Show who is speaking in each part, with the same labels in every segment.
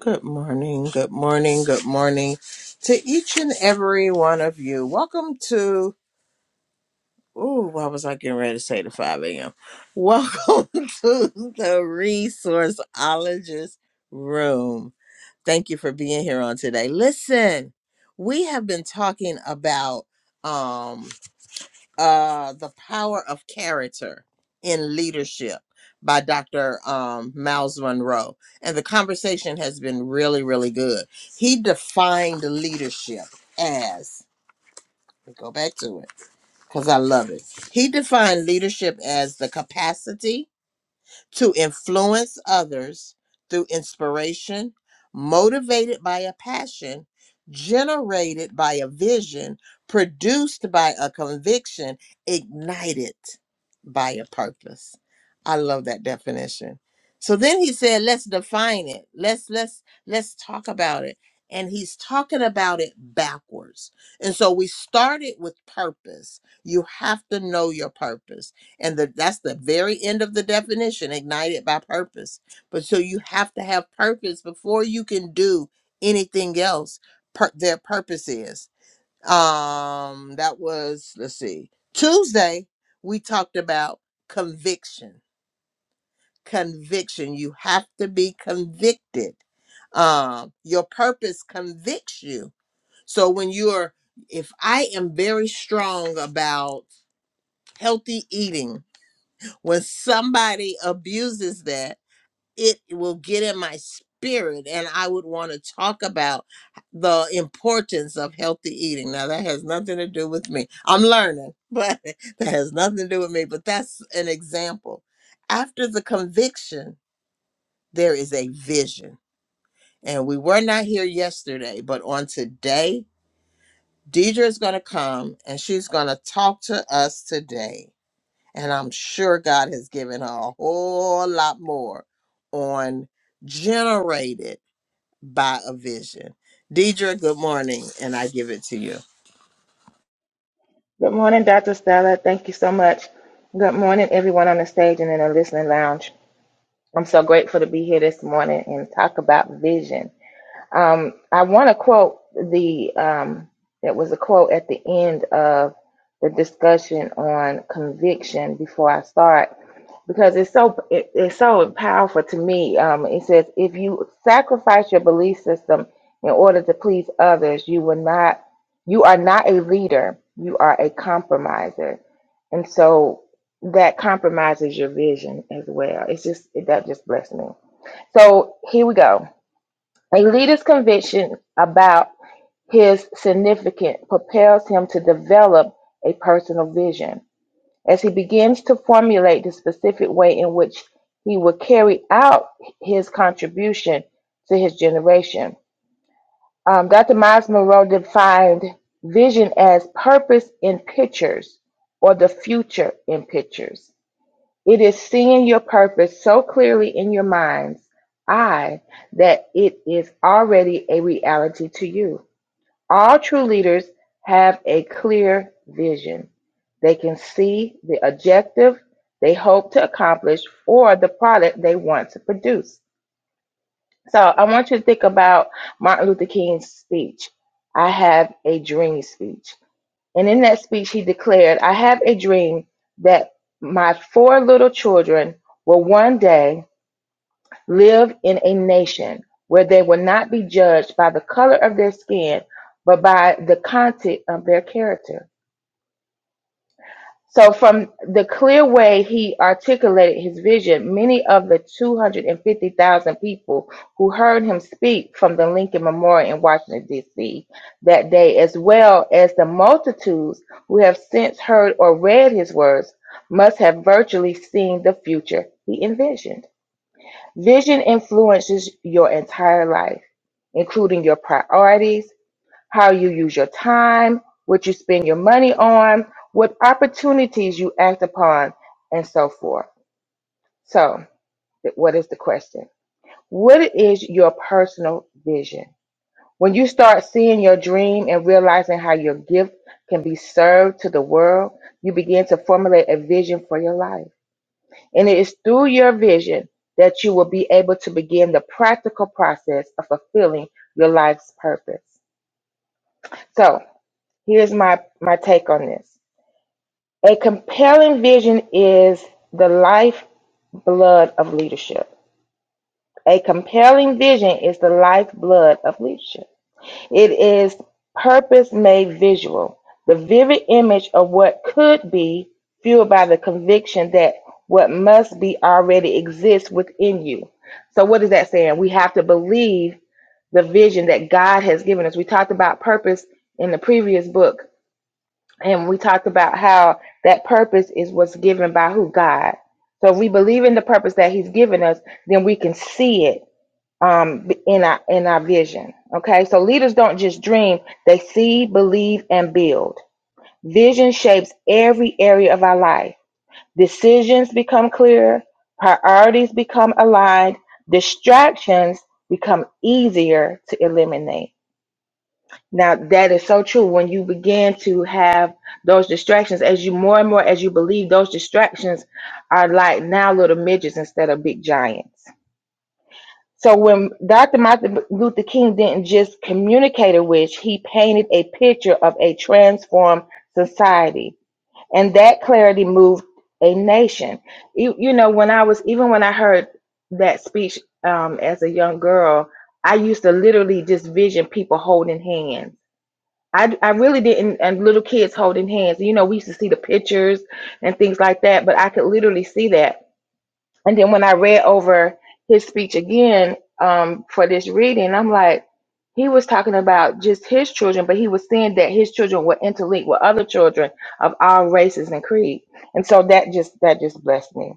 Speaker 1: Good morning, good morning, good morning to each and every one of you. Welcome to, oh, why was I getting ready to say the 5 a.m.? Welcome to the Resourceologist Room. Thank you for being here on today. Listen, we have been talking about, um uh, The Power of Character in Leadership by Dr. Um, Miles Monroe. And the conversation has been really, really good. He defined leadership as, let me go back to it because I love it. He defined leadership as the capacity to influence others through inspiration, motivated by a passion, generated by a vision, produced by a conviction, ignited by a purpose. I love that definition. So then he said, let's define it. Let's let's let's talk about it. And he's talking about it backwards. And so we started with purpose. You have to know your purpose and the, that's the very end of the definition ignited by purpose but so you have to have purpose before you can do anything else per, their purpose is um that was let's see tuesday we talked about conviction conviction you have to be convicted um your purpose convicts you so when you're if i am very strong about healthy eating when somebody abuses that it will get in my spirit and i would want to talk about the importance of healthy eating now that has nothing to do with me i'm learning but that has nothing to do with me but that's an example after the conviction there is a vision and we were not here yesterday but on today deidre is going to come and she's going to talk to us today and I'm sure God has given her a whole lot more on generated by a vision. Deidre, good morning, and I give it to you.
Speaker 2: Good morning, Dr. Stella. Thank you so much. Good morning, everyone on the stage and in the listening lounge. I'm so grateful to be here this morning and talk about vision. Um, I want to quote the um, that was a quote at the end of the discussion on conviction before I start because it's so it, it's so powerful to me. Um, it says if you sacrifice your belief system in order to please others, you will not you are not a leader. You are a compromiser, and so that compromises your vision as well. It's just it, that just blessed me. So here we go. A leader's conviction about his significance propels him to develop a personal vision. As he begins to formulate the specific way in which he will carry out his contribution to his generation, um, Dr. Miles Monroe defined vision as purpose in pictures or the future in pictures. It is seeing your purpose so clearly in your mind's eye that it is already a reality to you. All true leaders have a clear vision. They can see the objective they hope to accomplish or the product they want to produce. So I want you to think about Martin Luther King's speech, I have a dream speech. And in that speech, he declared, I have a dream that my four little children will one day live in a nation where they will not be judged by the color of their skin, but by the content of their character. So, from the clear way he articulated his vision, many of the 250,000 people who heard him speak from the Lincoln Memorial in Washington, D.C. that day, as well as the multitudes who have since heard or read his words, must have virtually seen the future he envisioned. Vision influences your entire life, including your priorities how you use your time, what you spend your money on, what opportunities you act upon, and so forth. So, th- what is the question? What is your personal vision? When you start seeing your dream and realizing how your gift can be served to the world, you begin to formulate a vision for your life. And it is through your vision that you will be able to begin the practical process of fulfilling your life's purpose. So, here's my my take on this A compelling vision is the lifeblood of leadership. A compelling vision is the lifeblood of leadership. It is purpose made visual, the vivid image of what could be, fueled by the conviction that what must be already exists within you. So, what is that saying? We have to believe the vision that God has given us. We talked about purpose in the previous book and we talked about how that purpose is what's given by who God. So if we believe in the purpose that He's given us, then we can see it um, in our in our vision. Okay, so leaders don't just dream; they see, believe, and build. Vision shapes every area of our life. Decisions become clearer, priorities become aligned, distractions become easier to eliminate. Now that is so true. When you begin to have those distractions, as you more and more as you believe, those distractions are like now little midgets instead of big giants. So when Dr. Martin Luther King didn't just communicate a wish, he painted a picture of a transformed society, and that clarity moved a nation. You, you know, when I was even when I heard that speech um, as a young girl, I used to literally just vision people holding hands I, I really didn't, and little kids holding hands. You know, we used to see the pictures and things like that, but I could literally see that. And then when I read over his speech again um, for this reading, I'm like, he was talking about just his children, but he was saying that his children were interlinked with other children of all races and creed. And so that just that just blessed me.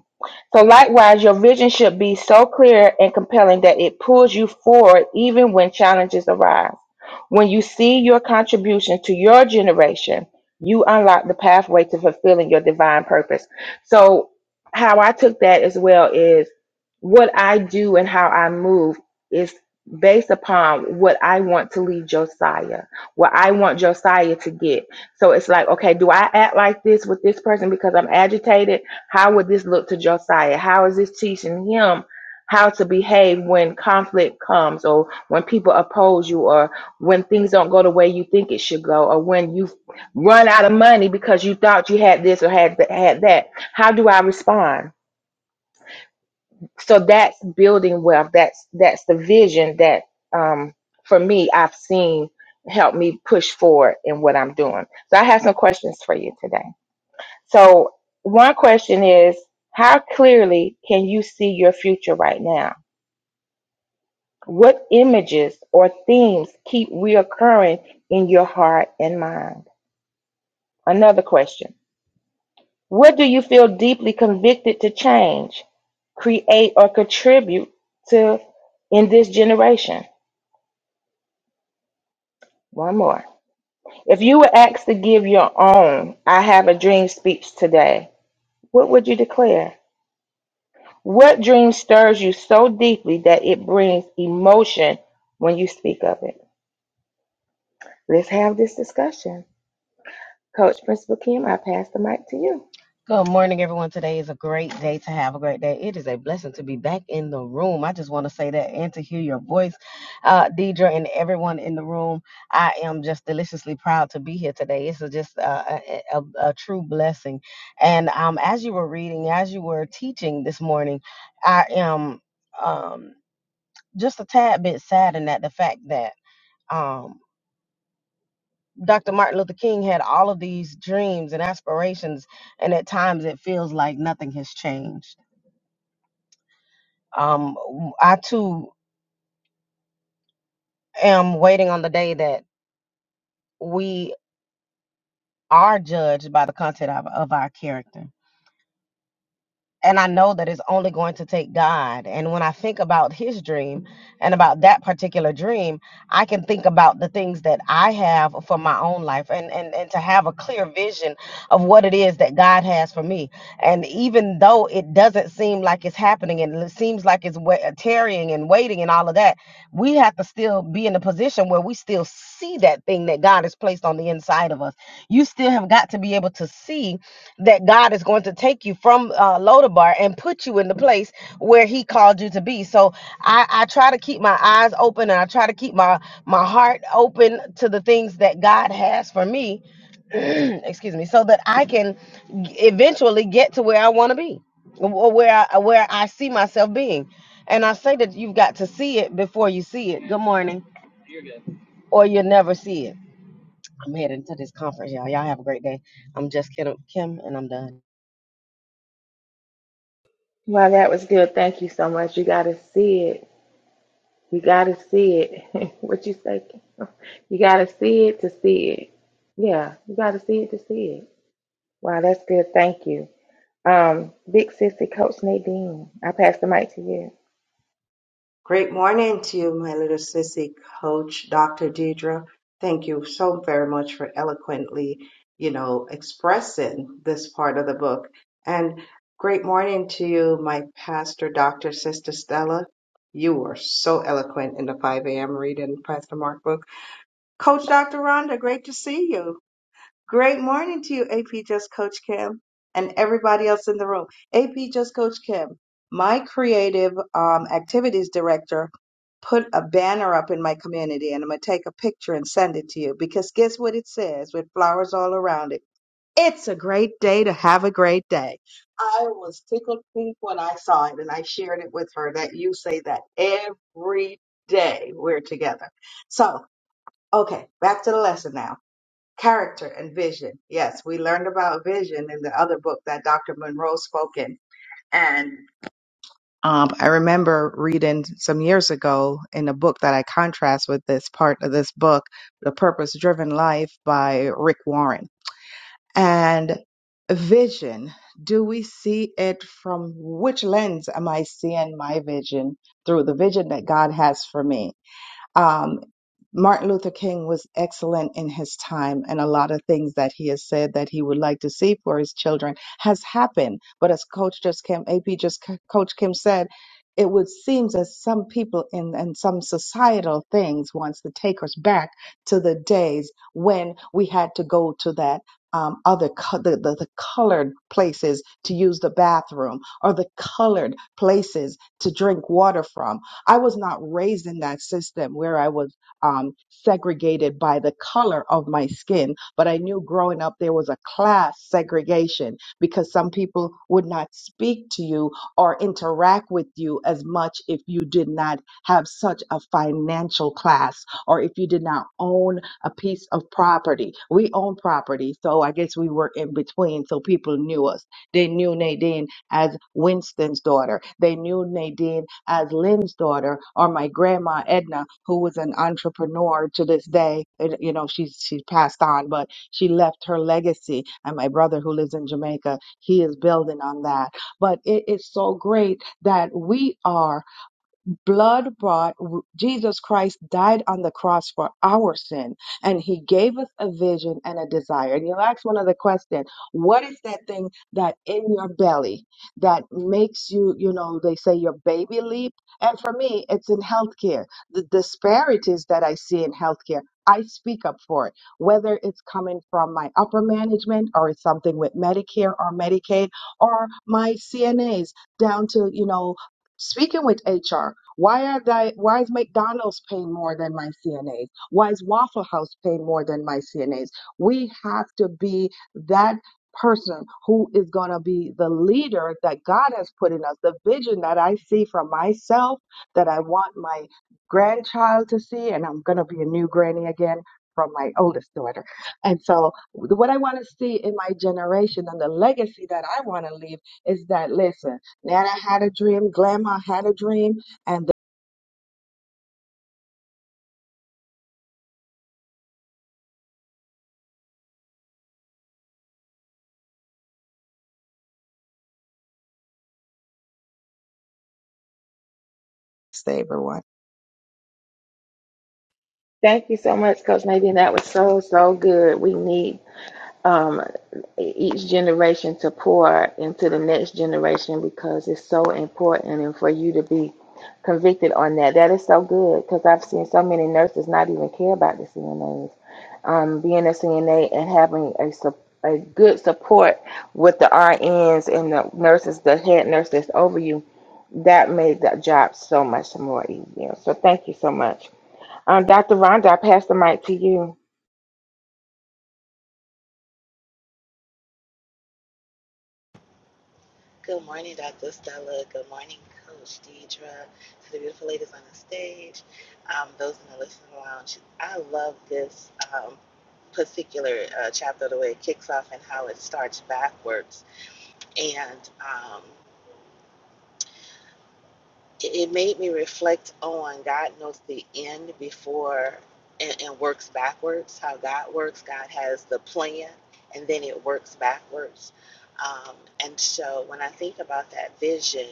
Speaker 2: So likewise, your vision should be so clear and compelling that it pulls you forward even when challenges arise. When you see your contribution to your generation, you unlock the pathway to fulfilling your divine purpose. So how I took that as well is what I do and how I move based upon what I want to leave Josiah, what I want Josiah to get. So it's like, okay, do I act like this with this person because I'm agitated? How would this look to Josiah? How is this teaching him how to behave when conflict comes or when people oppose you or when things don't go the way you think it should go or when you run out of money because you thought you had this or had, had that? How do I respond? so that's building wealth that's that's the vision that um for me i've seen help me push forward in what i'm doing so i have some questions for you today so one question is how clearly can you see your future right now what images or themes keep reoccurring in your heart and mind another question what do you feel deeply convicted to change create or contribute to in this generation One more. If you were asked to give your own I have a dream speech today, what would you declare? What dream stirs you so deeply that it brings emotion when you speak of it? Let's have this discussion. Coach Principal Kim, I pass the mic to you.
Speaker 3: Good morning, everyone. Today is a great day to have a great day. It is a blessing to be back in the room. I just want to say that and to hear your voice, uh, Deidre, and everyone in the room. I am just deliciously proud to be here today. It's a- just uh, a, a, a true blessing. And um, as you were reading, as you were teaching this morning, I am um, just a tad bit saddened at the fact that. Um, Dr. Martin Luther King had all of these dreams and aspirations, and at times it feels like nothing has changed. Um, I too am waiting on the day that we are judged by the content of, of our character. and I know that it's only going to take God. And when I think about his dream and about that particular dream, I can think about the things that I have for my own life and, and, and to have a clear vision of what it is that God has for me. And even though it doesn't seem like it's happening and it seems like it's wa- tarrying and waiting and all of that, we have to still be in a position where we still see that thing that God has placed on the inside of us. You still have got to be able to see that God is going to take you from uh, Lodabar and put you in the place where He called you to be. So I, I try to keep my eyes open and I try to keep my my heart open to the things that God has for me. excuse me, so that I can g- eventually get to where I want to be, or where I, where I see myself being. And I say that you've got to see it before you see it. Good morning, or you'll never see it. I'm heading to this conference, y'all. Y'all have a great day. I'm just Kim, Kim and I'm done.
Speaker 2: Well, that was good. Thank you so much. You got to see it. You got to see it. what you say? Kim? You got to see it to see it. Yeah, you got to see it to see it. Wow, that's good. Thank you. Um, big sissy Coach Nadine. I pass the mic to you.
Speaker 4: Great morning to you, my little sissy coach, Dr. Deidre. Thank you so very much for eloquently, you know, expressing this part of the book. And great morning to you, my pastor, Dr. Sister Stella. You are so eloquent in the 5 a.m. reading, Pastor Mark book. Coach Dr. Rhonda, great to see you. Great morning to you, AP Just Coach Kim, and everybody else in the room. AP Just Coach Kim, my creative um, activities director, put a banner up in my community, and I'm going to take a picture and send it to you because guess what it says with flowers all around it? It's a great day to have a great day. I was tickled pink when I saw it, and I shared it with her that you say that every day we're together. So, okay, back to the lesson now character and vision. Yes, we learned about vision in the other book that Dr. Monroe spoke in. And um, I remember reading some years ago in a book that I contrast with this part of this book, The Purpose Driven Life by Rick Warren. And vision, do we see it from which lens am I seeing my vision through the vision that God has for me? Um, Martin Luther King was excellent in his time, and a lot of things that he has said that he would like to see for his children has happened. But as Coach just Kim, AP just Coach Kim said, it would seem as some people in and some societal things wants to take us back to the days when we had to go to that um, other co- the, the the colored places to use the bathroom or the colored places to drink water from I was not raised in that system where I was um, segregated by the color of my skin, but I knew growing up there was a class segregation because some people would not speak to you or interact with you as much if you did not have such a financial class or if you did not own a piece of property. We own property, so I guess we were in between, so people knew us. They knew Nadine as Winston's daughter. They knew Nadine as Lynn's daughter or my grandma Edna, who was an entrepreneur to this day. And, You know, she's she's passed on, but she left her legacy. And my brother who lives in Jamaica, he is building on that. But it is so great that we are blood brought, Jesus Christ died on the cross for our sin, and he gave us a vision and a desire. And you'll ask one other question What is that thing that in your belly that makes you, you know, they say your baby leap? And for me, it's in healthcare. The disparities that I see in healthcare. I speak up for it, whether it's coming from my upper management or it's something with Medicare or Medicaid or my CNAs down to, you know, Speaking with HR, why are they, why is McDonald's paying more than my CNAs? Why is Waffle House paying more than my CNAs? We have to be that person who is going to be the leader that God has put in us, the vision that I see for myself, that I want my grandchild to see, and I'm going to be a new granny again from my oldest daughter. And so what I want to see in my generation and the legacy that I want to leave is that listen. Nana had a dream, Grandma had a dream, and the next day, everyone.
Speaker 2: Thank you so much, Coach Nadine. That was so, so good. We need um, each generation to pour into the next generation because it's so important. And for you to be convicted on that, that is so good because I've seen so many nurses not even care about the CNAs. Um, being a CNA and having a, sup- a good support with the RNs and the nurses, the head nurse that's over you that made that job so much more easier. So thank you so much. Um, Dr. Rhonda, I pass the mic to you.
Speaker 5: Good morning, Dr. Stella. Good morning, Coach Deidra. To the beautiful ladies on the stage, um, those in the listening lounge. I love this um, particular uh, chapter, the way it kicks off and how it starts backwards. And um, it, it made me reflect on God knows the end before and, and works backwards, how God works. God has the plan and then it works backwards. Um, and so when I think about that vision,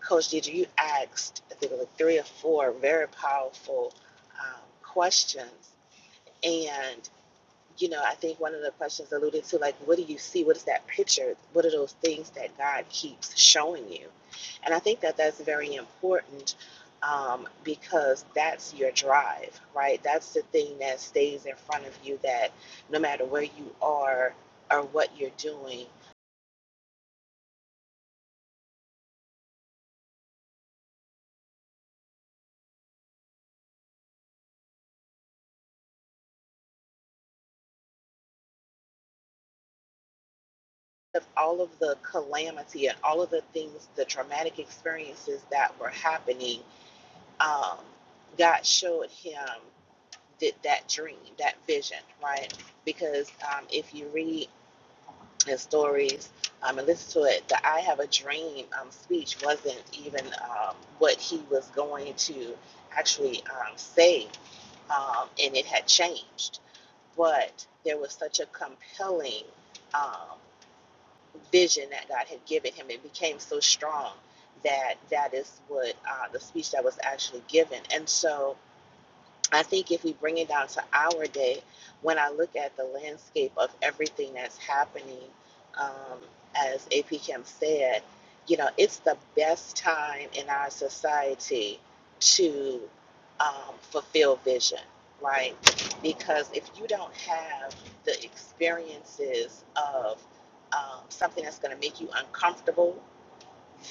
Speaker 5: Coach Deidre, you asked, I think, like three or four very powerful um, questions. And, you know, I think one of the questions alluded to, like, what do you see? What is that picture? What are those things that God keeps showing you? And I think that that's very important um, because that's your drive, right? That's the thing that stays in front of you that no matter where you are or what you're doing, of all of the calamity and all of the things, the traumatic experiences that were happening, um, God showed him that, that dream, that vision, right? Because um, if you read his stories um, and listen to it, the I Have a Dream um, speech wasn't even um, what he was going to actually um, say, um, and it had changed. But there was such a compelling. Um, vision that God had given him. It became so strong that that is what uh, the speech that was actually given. And so I think if we bring it down to our day, when I look at the landscape of everything that's happening, um, as AP Kim said, you know, it's the best time in our society to um, fulfill vision, right? Because if you don't have the experiences of um, something that's going to make you uncomfortable,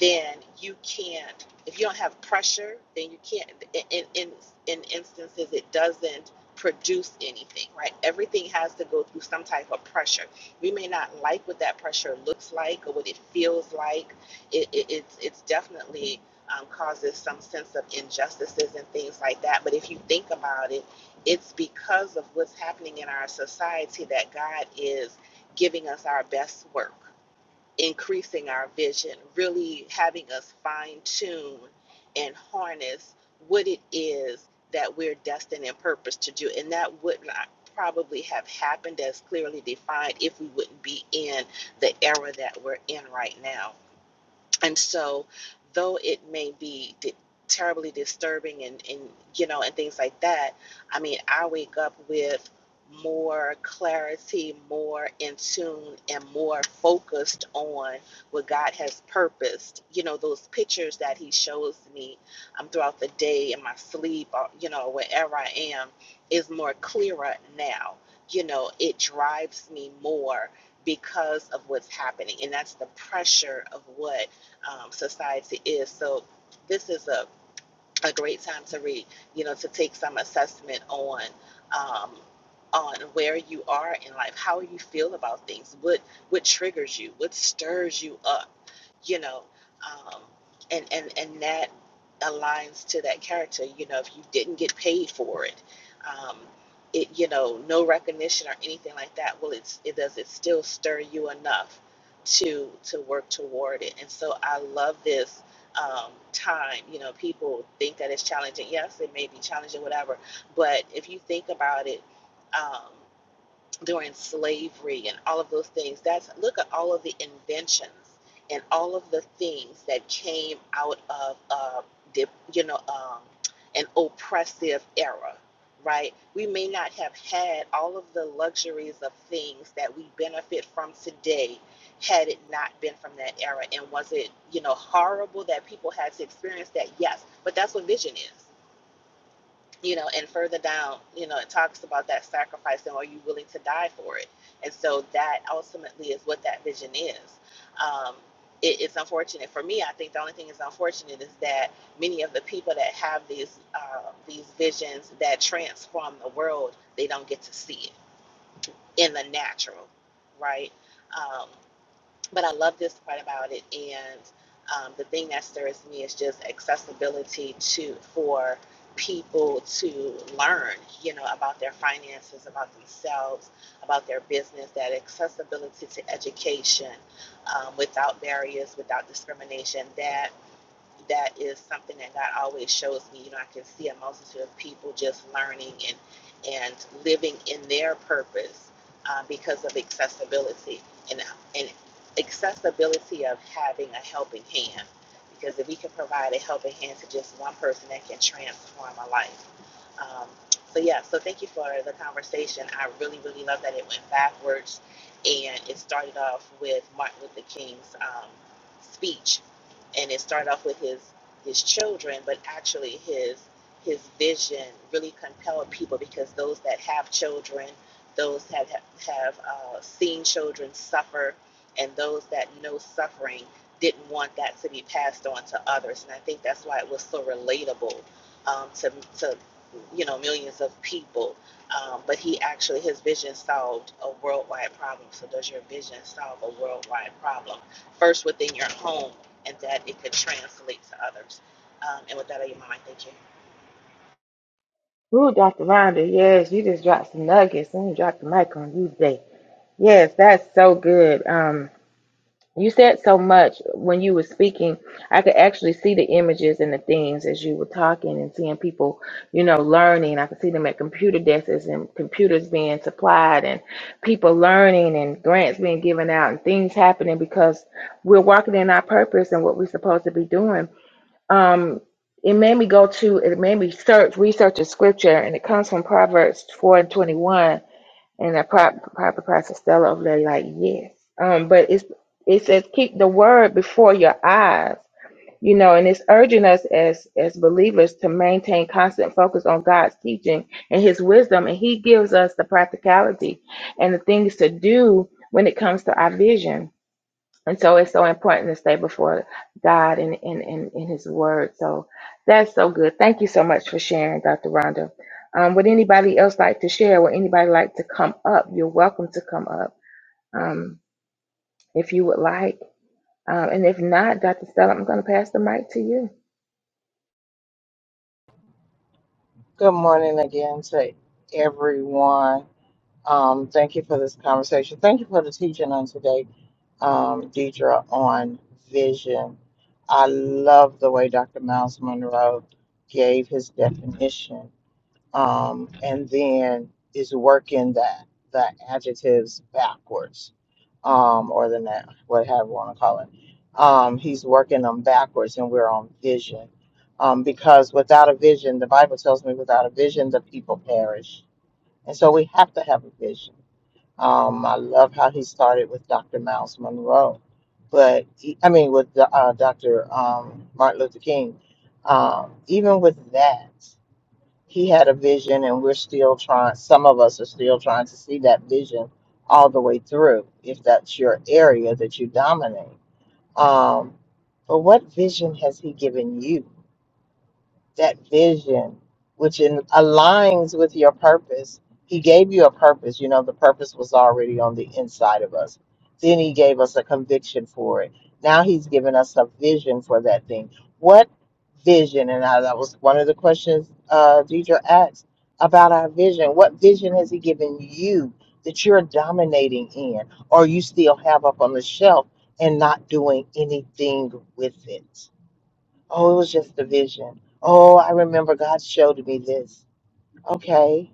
Speaker 5: then you can't if you don't have pressure then you can't in in in instances it doesn't produce anything right everything has to go through some type of pressure we may not like what that pressure looks like or what it feels like it, it it's it's definitely um, causes some sense of injustices and things like that but if you think about it it's because of what's happening in our society that god is giving us our best work increasing our vision, really having us fine tune and harness what it is that we're destined and purposed to do. And that would not probably have happened as clearly defined if we wouldn't be in the era that we're in right now and so, though it may be di- terribly disturbing and, and, you know, and things like that, I mean, I wake up with more clarity, more in tune, and more focused on what God has purposed. You know, those pictures that He shows me um, throughout the day in my sleep, or, you know, wherever I am, is more clearer now. You know, it drives me more because of what's happening. And that's the pressure of what um, society is. So this is a a great time to read, you know, to take some assessment on um, on where you are in life, how you feel about things, what what triggers you, what stirs you up, you know, um, and and and that aligns to that character. You know, if you didn't get paid for it, um, it you know, no recognition or anything like that. Well, it's it does it still stir you enough to to work toward it, and so I love this um, time. You know, people think that it's challenging. Yes, it may be challenging, whatever. But if you think about it, um, during slavery and all of those things. That's look at all of the inventions and all of the things that came out of uh, the, you know um, an oppressive era, right? We may not have had all of the luxuries of things that we benefit from today had it not been from that era. And was it you know horrible that people had to experience that? Yes, but that's what vision is you know, and further down, you know, it talks about that sacrifice and are you willing to die for it? And so that ultimately is what that vision is. Um, it, it's unfortunate for me. I think the only thing that's unfortunate is that many of the people that have these uh, these visions that transform the world, they don't get to see it in the natural, right? Um, but I love this part about it. And um, the thing that stirs me is just accessibility to for people to learn, you know, about their finances, about themselves, about their business. That accessibility to education um, without barriers, without discrimination. That that is something that God always shows me. You know, I can see a multitude of people just learning and and living in their purpose uh, because of accessibility and and accessibility of having a helping hand. Because if we can provide a helping hand to just one person, that can transform a life. Um, so yeah, so thank you for the conversation. I really, really love that it went backwards, and it started off with Martin Luther King's um, speech and it started off with his his children, but actually his his vision really compelled people because those that have children, those that have, have uh, seen children suffer, and those that know suffering didn't want that to be passed on to others, and I think that's why it was so relatable um, to to you know millions of people. Um, but he actually his vision solved a worldwide problem. So does your vision solve a worldwide problem? First within your home and that it could translate to others. Um, and with that, I yield my mic. thank you.
Speaker 2: Ooh, Dr. Rhonda, yes, you just dropped some nuggets and you dropped the mic on you today. Yes, that's so good. Um, You said so much when you were speaking. I could actually see the images and the things as you were talking and seeing people, you know, learning. I could see them at computer desks and computers being supplied and people learning and grants being given out and things happening because we're walking in our purpose and what we're supposed to be doing. Um, it made me go to, it made me search, research a scripture and it comes from Proverbs 4 and 21 and that probably probably Pastor Stella over there like, yes. Um, but it's it says keep the word before your eyes. You know, and it's urging us as as believers to maintain constant focus on God's teaching and his wisdom, and he gives us the practicality and the things to do when it comes to our vision and so it's so important to stay before God and in, in, in, His Word. So that's so good. Thank you so much for sharing, Dr. Rhonda. Um, would anybody else like to share? Would anybody like to come up? You're welcome to come up um, if you would like. Um, and if not, Dr. Stella, I'm going to pass the mic to you.
Speaker 1: Good morning, again, everyone. Um, thank you for the teaching on today, um, Deidre, on vision. I love the way Dr. Miles Monroe gave his definition, um, and then is working that the adjectives backwards, um, or the na- what have you want to call it. um, he's working them backwards and we're on vision um, because without a vision the bible tells me without a vision the people perish and so we have to have a vision um, i love how he started with dr miles monroe but he- i mean with the, uh, dr um, martin luther king um, even with that he had a vision and we're still trying some of us are still trying to see that vision all the way through if that's your area that you dominate um, but what vision has He given you? that vision, which in, aligns with your purpose. He gave you a purpose. You know, the purpose was already on the inside of us. Then he gave us a conviction for it. Now he's given us a vision for that thing. What vision? And I, that was one of the questions uh, Deidre asked about our vision. What vision has he given you that you're dominating in, or you still have up on the shelf and not doing anything with it? Oh, it was just a vision. Oh, I remember God showed me this. Okay,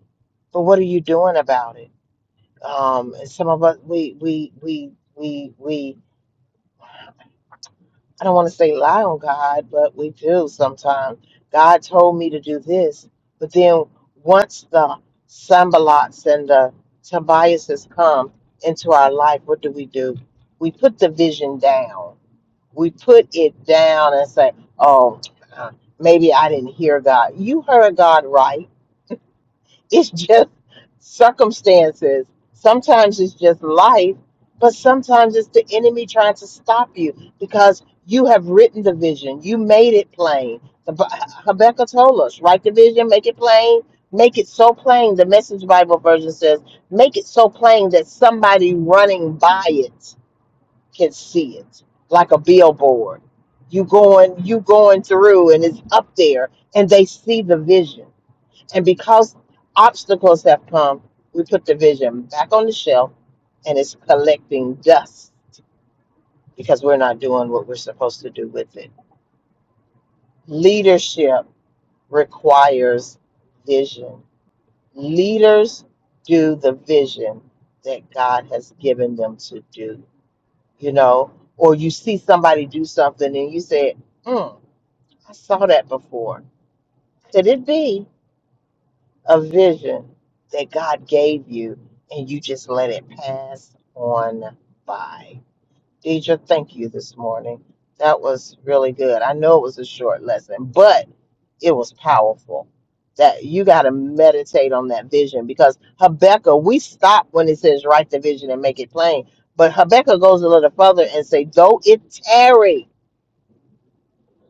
Speaker 1: but what are you doing about it? Um, and some of us, we, we, we, we, we. I don't want to say lie on God, but we do sometimes. God told me to do this, but then once the Sambalots and the Tobiases come into our life, what do we do? We put the vision down we put it down and say, oh, uh, maybe I didn't hear God. You heard God right. It's just circumstances. Sometimes it's just life, but sometimes it's the enemy trying to stop you because you have written the vision. You made it plain. The Bi- Habakkuk told us, write the vision, make it plain. Make it so plain, the Message Bible version says, make it so plain that somebody running by it can see it like a billboard you going you going through and it's up there and they see the vision and because obstacles have come we put the vision back on the shelf and it's collecting dust because we're not doing what we're supposed to do with it leadership requires vision leaders do the vision that god has given them to do you know, or you see somebody do something and you say, hmm, I saw that before. Could it be a vision that God gave you and you just let it pass on by? Deidre, thank you this morning. That was really good. I know it was a short lesson, but it was powerful. That you got to meditate on that vision because Habakkuk, we stop when it says write the vision and make it plain. But Habakkuk goes a little further and say, though it tarry,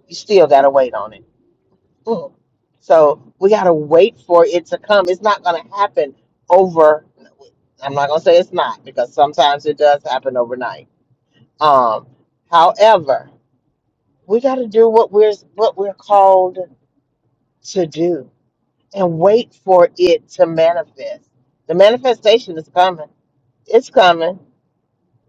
Speaker 1: you still got to wait on it. Mm. So we got to wait for it to come. It's not going to happen over. I'm not going to say it's not because sometimes it does happen overnight. Um, however, we got to do what we're what we're called to do and wait for it to manifest. The manifestation is coming. It's coming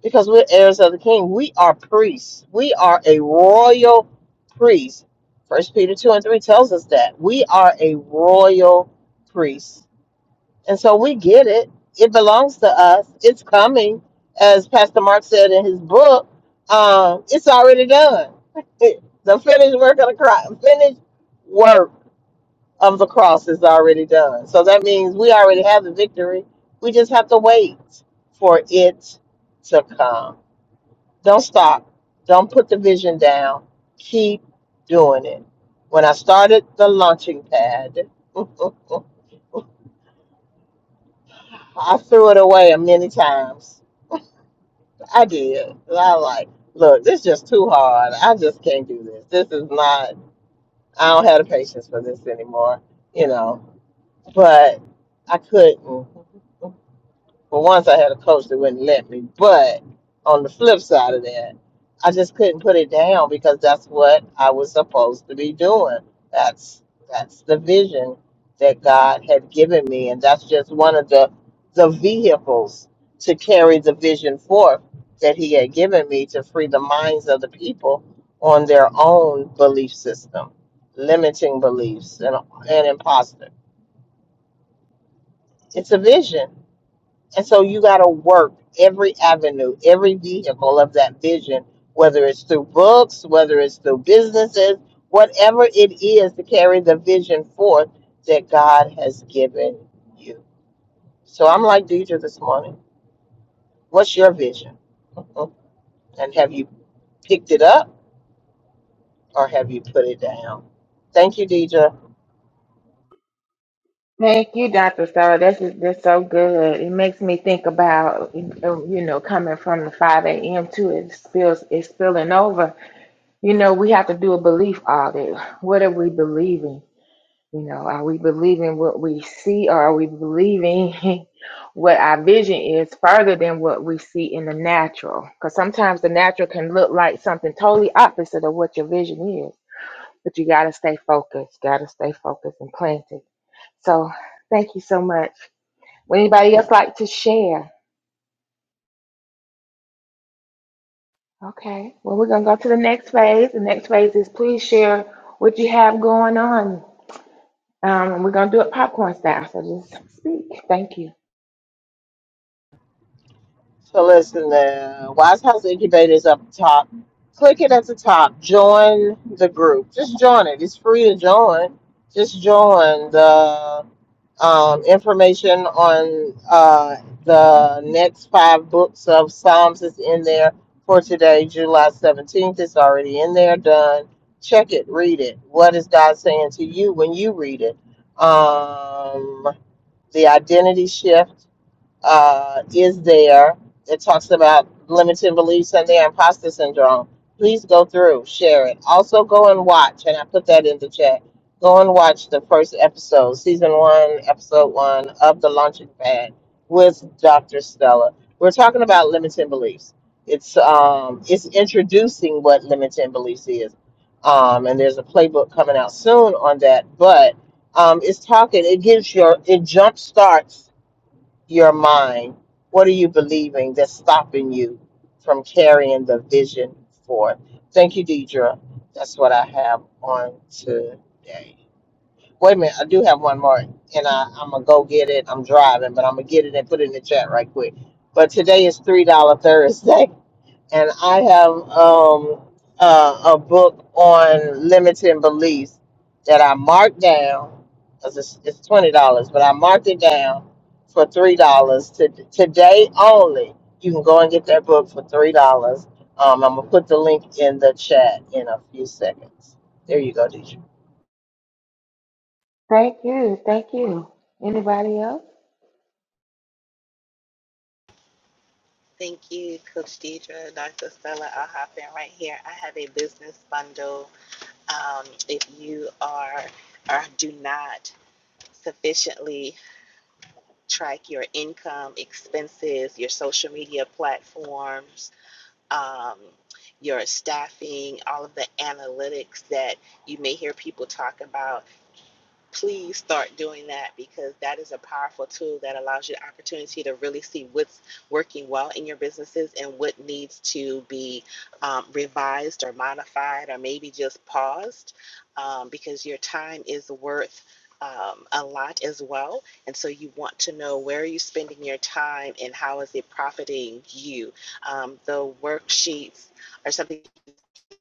Speaker 1: because we're heirs of the king. We are priests. We are a royal priest. First Peter two and three tells us that we are a royal priest, and so we get it. It belongs to us. It's coming, as Pastor Mark said in his book. Um, it's already done. the finished work of the cross, finished work of the cross is already done. So that means we already have the victory. We just have to wait for it to come. Don't stop. Don't put the vision down. Keep doing it. When I started the launching pad, I threw it away many times. I did. I like, look, this is just too hard. I just can't do this. This is not, I don't have the patience for this anymore, you know, but I couldn't. But once I had a coach that wouldn't let me. But on the flip side of that, I just couldn't put it down because that's what I was supposed to be doing. That's that's the vision that God had given me, and that's just one of the the vehicles to carry the vision forth that He had given me to free the minds of the people on their own belief system, limiting beliefs, and and imposter. It's a vision and so you got to work every avenue, every vehicle of that vision, whether it's through books, whether it's through businesses, whatever it is to carry the vision forth that God has given you. So I'm like Deidre this morning. What's your vision? Mm-hmm. And have you picked it up or have you put it down? Thank you, Deidre.
Speaker 2: Thank you, Dr. Stella. This is this so good. It makes me think about you know coming from the 5 a.m. to it spills it's spilling over. You know we have to do a belief audit. What are we believing? You know, are we believing what we see or are we believing what our vision is further than what we see in the natural? Because sometimes the natural can look like something totally opposite of what your vision is. But you got to stay focused, got to stay focused and planted. So thank you so much. Would anybody else like to share? Okay, well, we're going to go to the next phase. The next phase is please share what you have going on. Um, and we're going to do it popcorn style. So just speak. Thank you.
Speaker 1: So listen, the Wise House Incubator is up top. click it at the top. Join the group. Just join it. It's free to join. Just join the um, information on uh, the next five books of Psalms is in there for today, July 17th. It's already in there, done. Check it, read it. What is God saying to you when you read it? Um, the identity shift uh, is there that talks about limiting beliefs and their imposter syndrome. Please go through, share it. Also, go and watch, and I put that in the chat. Go and watch the first episode, season one, episode one of The Launching Pad with Dr. Stella. We're talking about limiting beliefs. It's um, it's introducing what limiting beliefs is, um, and there's a playbook coming out soon on that. But um, it's talking. It gives your it jumpstarts your mind? What are you believing that's stopping you from carrying the vision forth? Thank you, Deidre. That's what I have on today. Wait a minute, I do have one more, and I, I'm gonna go get it. I'm driving, but I'm gonna get it and put it in the chat right quick. But today is three dollar Thursday. and I have um, uh, a book on limiting beliefs that I marked down. 'cause It's, it's twenty dollars, but I marked it down for three dollars to, today only. You can go and get that book for three dollars. Um, I'm gonna put the link in the chat in a few seconds. There you go, Deidre.
Speaker 2: Thank you. Thank you. Anybody else?
Speaker 5: Thank you, Coach Deidre, Dr. Stella. I'll hop in right here. I have a business bundle. Um, if you are or do not sufficiently track your income, expenses, your social media platforms, um, your staffing, all of the analytics that you may hear people talk about, please start doing that because that is a powerful tool that allows you the opportunity to really see what's working well in your businesses and what needs to be um, revised or modified or maybe just paused um, because your time is worth um, a lot as well and so you want to know where are you spending your time and how is it profiting you um, the worksheets are something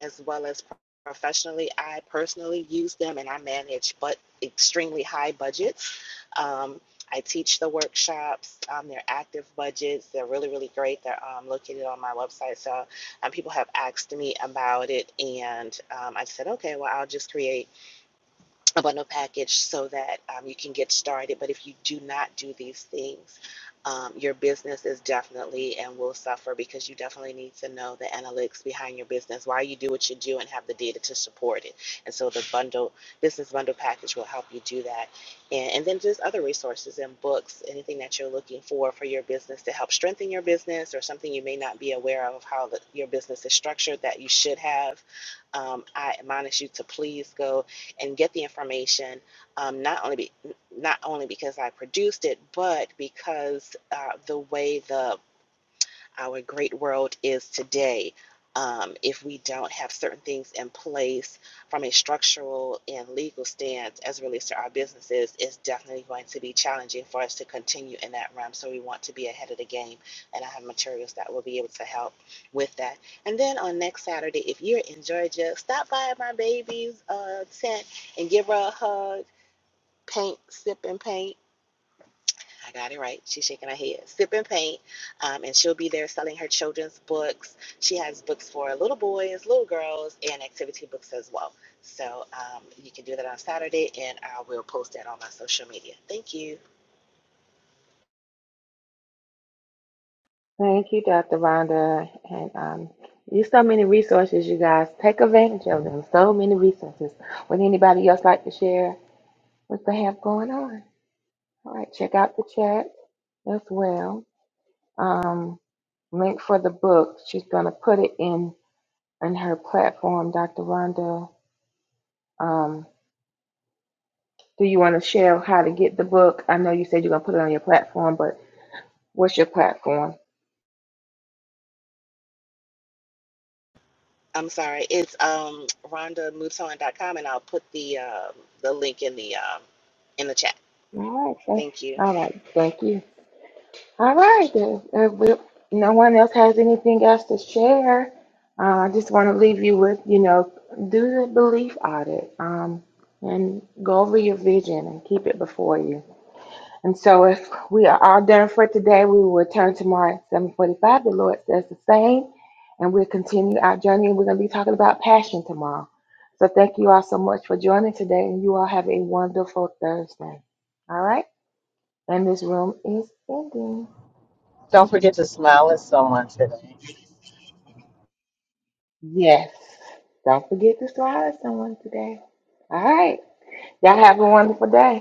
Speaker 5: as well as professionally. I personally use them and I manage but extremely high budgets. Um, I teach the workshops. Um, they're active budgets. They're really, really great. They're um, located on my website. So um, people have asked me about it, and um, I said, okay, well, I'll just create a bundle package so that um, you can get started. But if you do not do these things, um, your business is definitely and will suffer because you definitely need to know the analytics behind your business, why you do what you do, and have the data to support it. And so the bundle business bundle package will help you do that, and, and then just other resources and books, anything that you're looking for for your business to help strengthen your business, or something you may not be aware of how the, your business is structured that you should have. Um, I admonish you to please go and get the information um, not only be, not only because I produced it, but because uh, the way the our great world is today. Um, if we don't have certain things in place from a structural and legal stance as it relates to our businesses, it's definitely going to be challenging for us to continue in that realm. So we want to be ahead of the game, and I have materials that will be able to help with that. And then on next Saturday, if you're in Georgia, stop by my baby's uh, tent and give her a hug. Paint, sip, and paint I got it right. She's shaking her head. Sip and paint. Um, and she'll be there selling her children's books. She has books for little boys, little girls, and activity books as well. So um, you can do that on Saturday, and I will post that on my social media. Thank you.
Speaker 2: Thank you, Dr. Rhonda. And um, there's so many resources, you guys. Take advantage of them. So many resources. Would anybody else like to share what they have going on? All right, check out the chat as well. Um, link for the book. She's going to put it in in her platform, Dr. Rhonda. Um, do you want to share how to get the book? I know you said you're going to put it on your platform, but what's your platform?
Speaker 5: I'm sorry. It's um, RhondaMoodSong.com, and I'll put the um, the link in the um, in the chat.
Speaker 2: All right. Thank,
Speaker 5: Thank you.
Speaker 2: all right. Thank you. All right, then. If we, no one else has anything else to share, uh, I just want to leave you with, you know, do the belief audit um, and go over your vision and keep it before you. And so if we are all done for today, we will return tomorrow at 745. The Lord says the same, and we'll continue our journey. And we're going to be talking about passion tomorrow. So thank you all so much for joining today, and you all have a wonderful Thursday. All right? And this room is ending.
Speaker 1: Don't forget to smile at someone today.
Speaker 2: Yes. Don't forget to slide someone today. All right. Y'all have a wonderful day.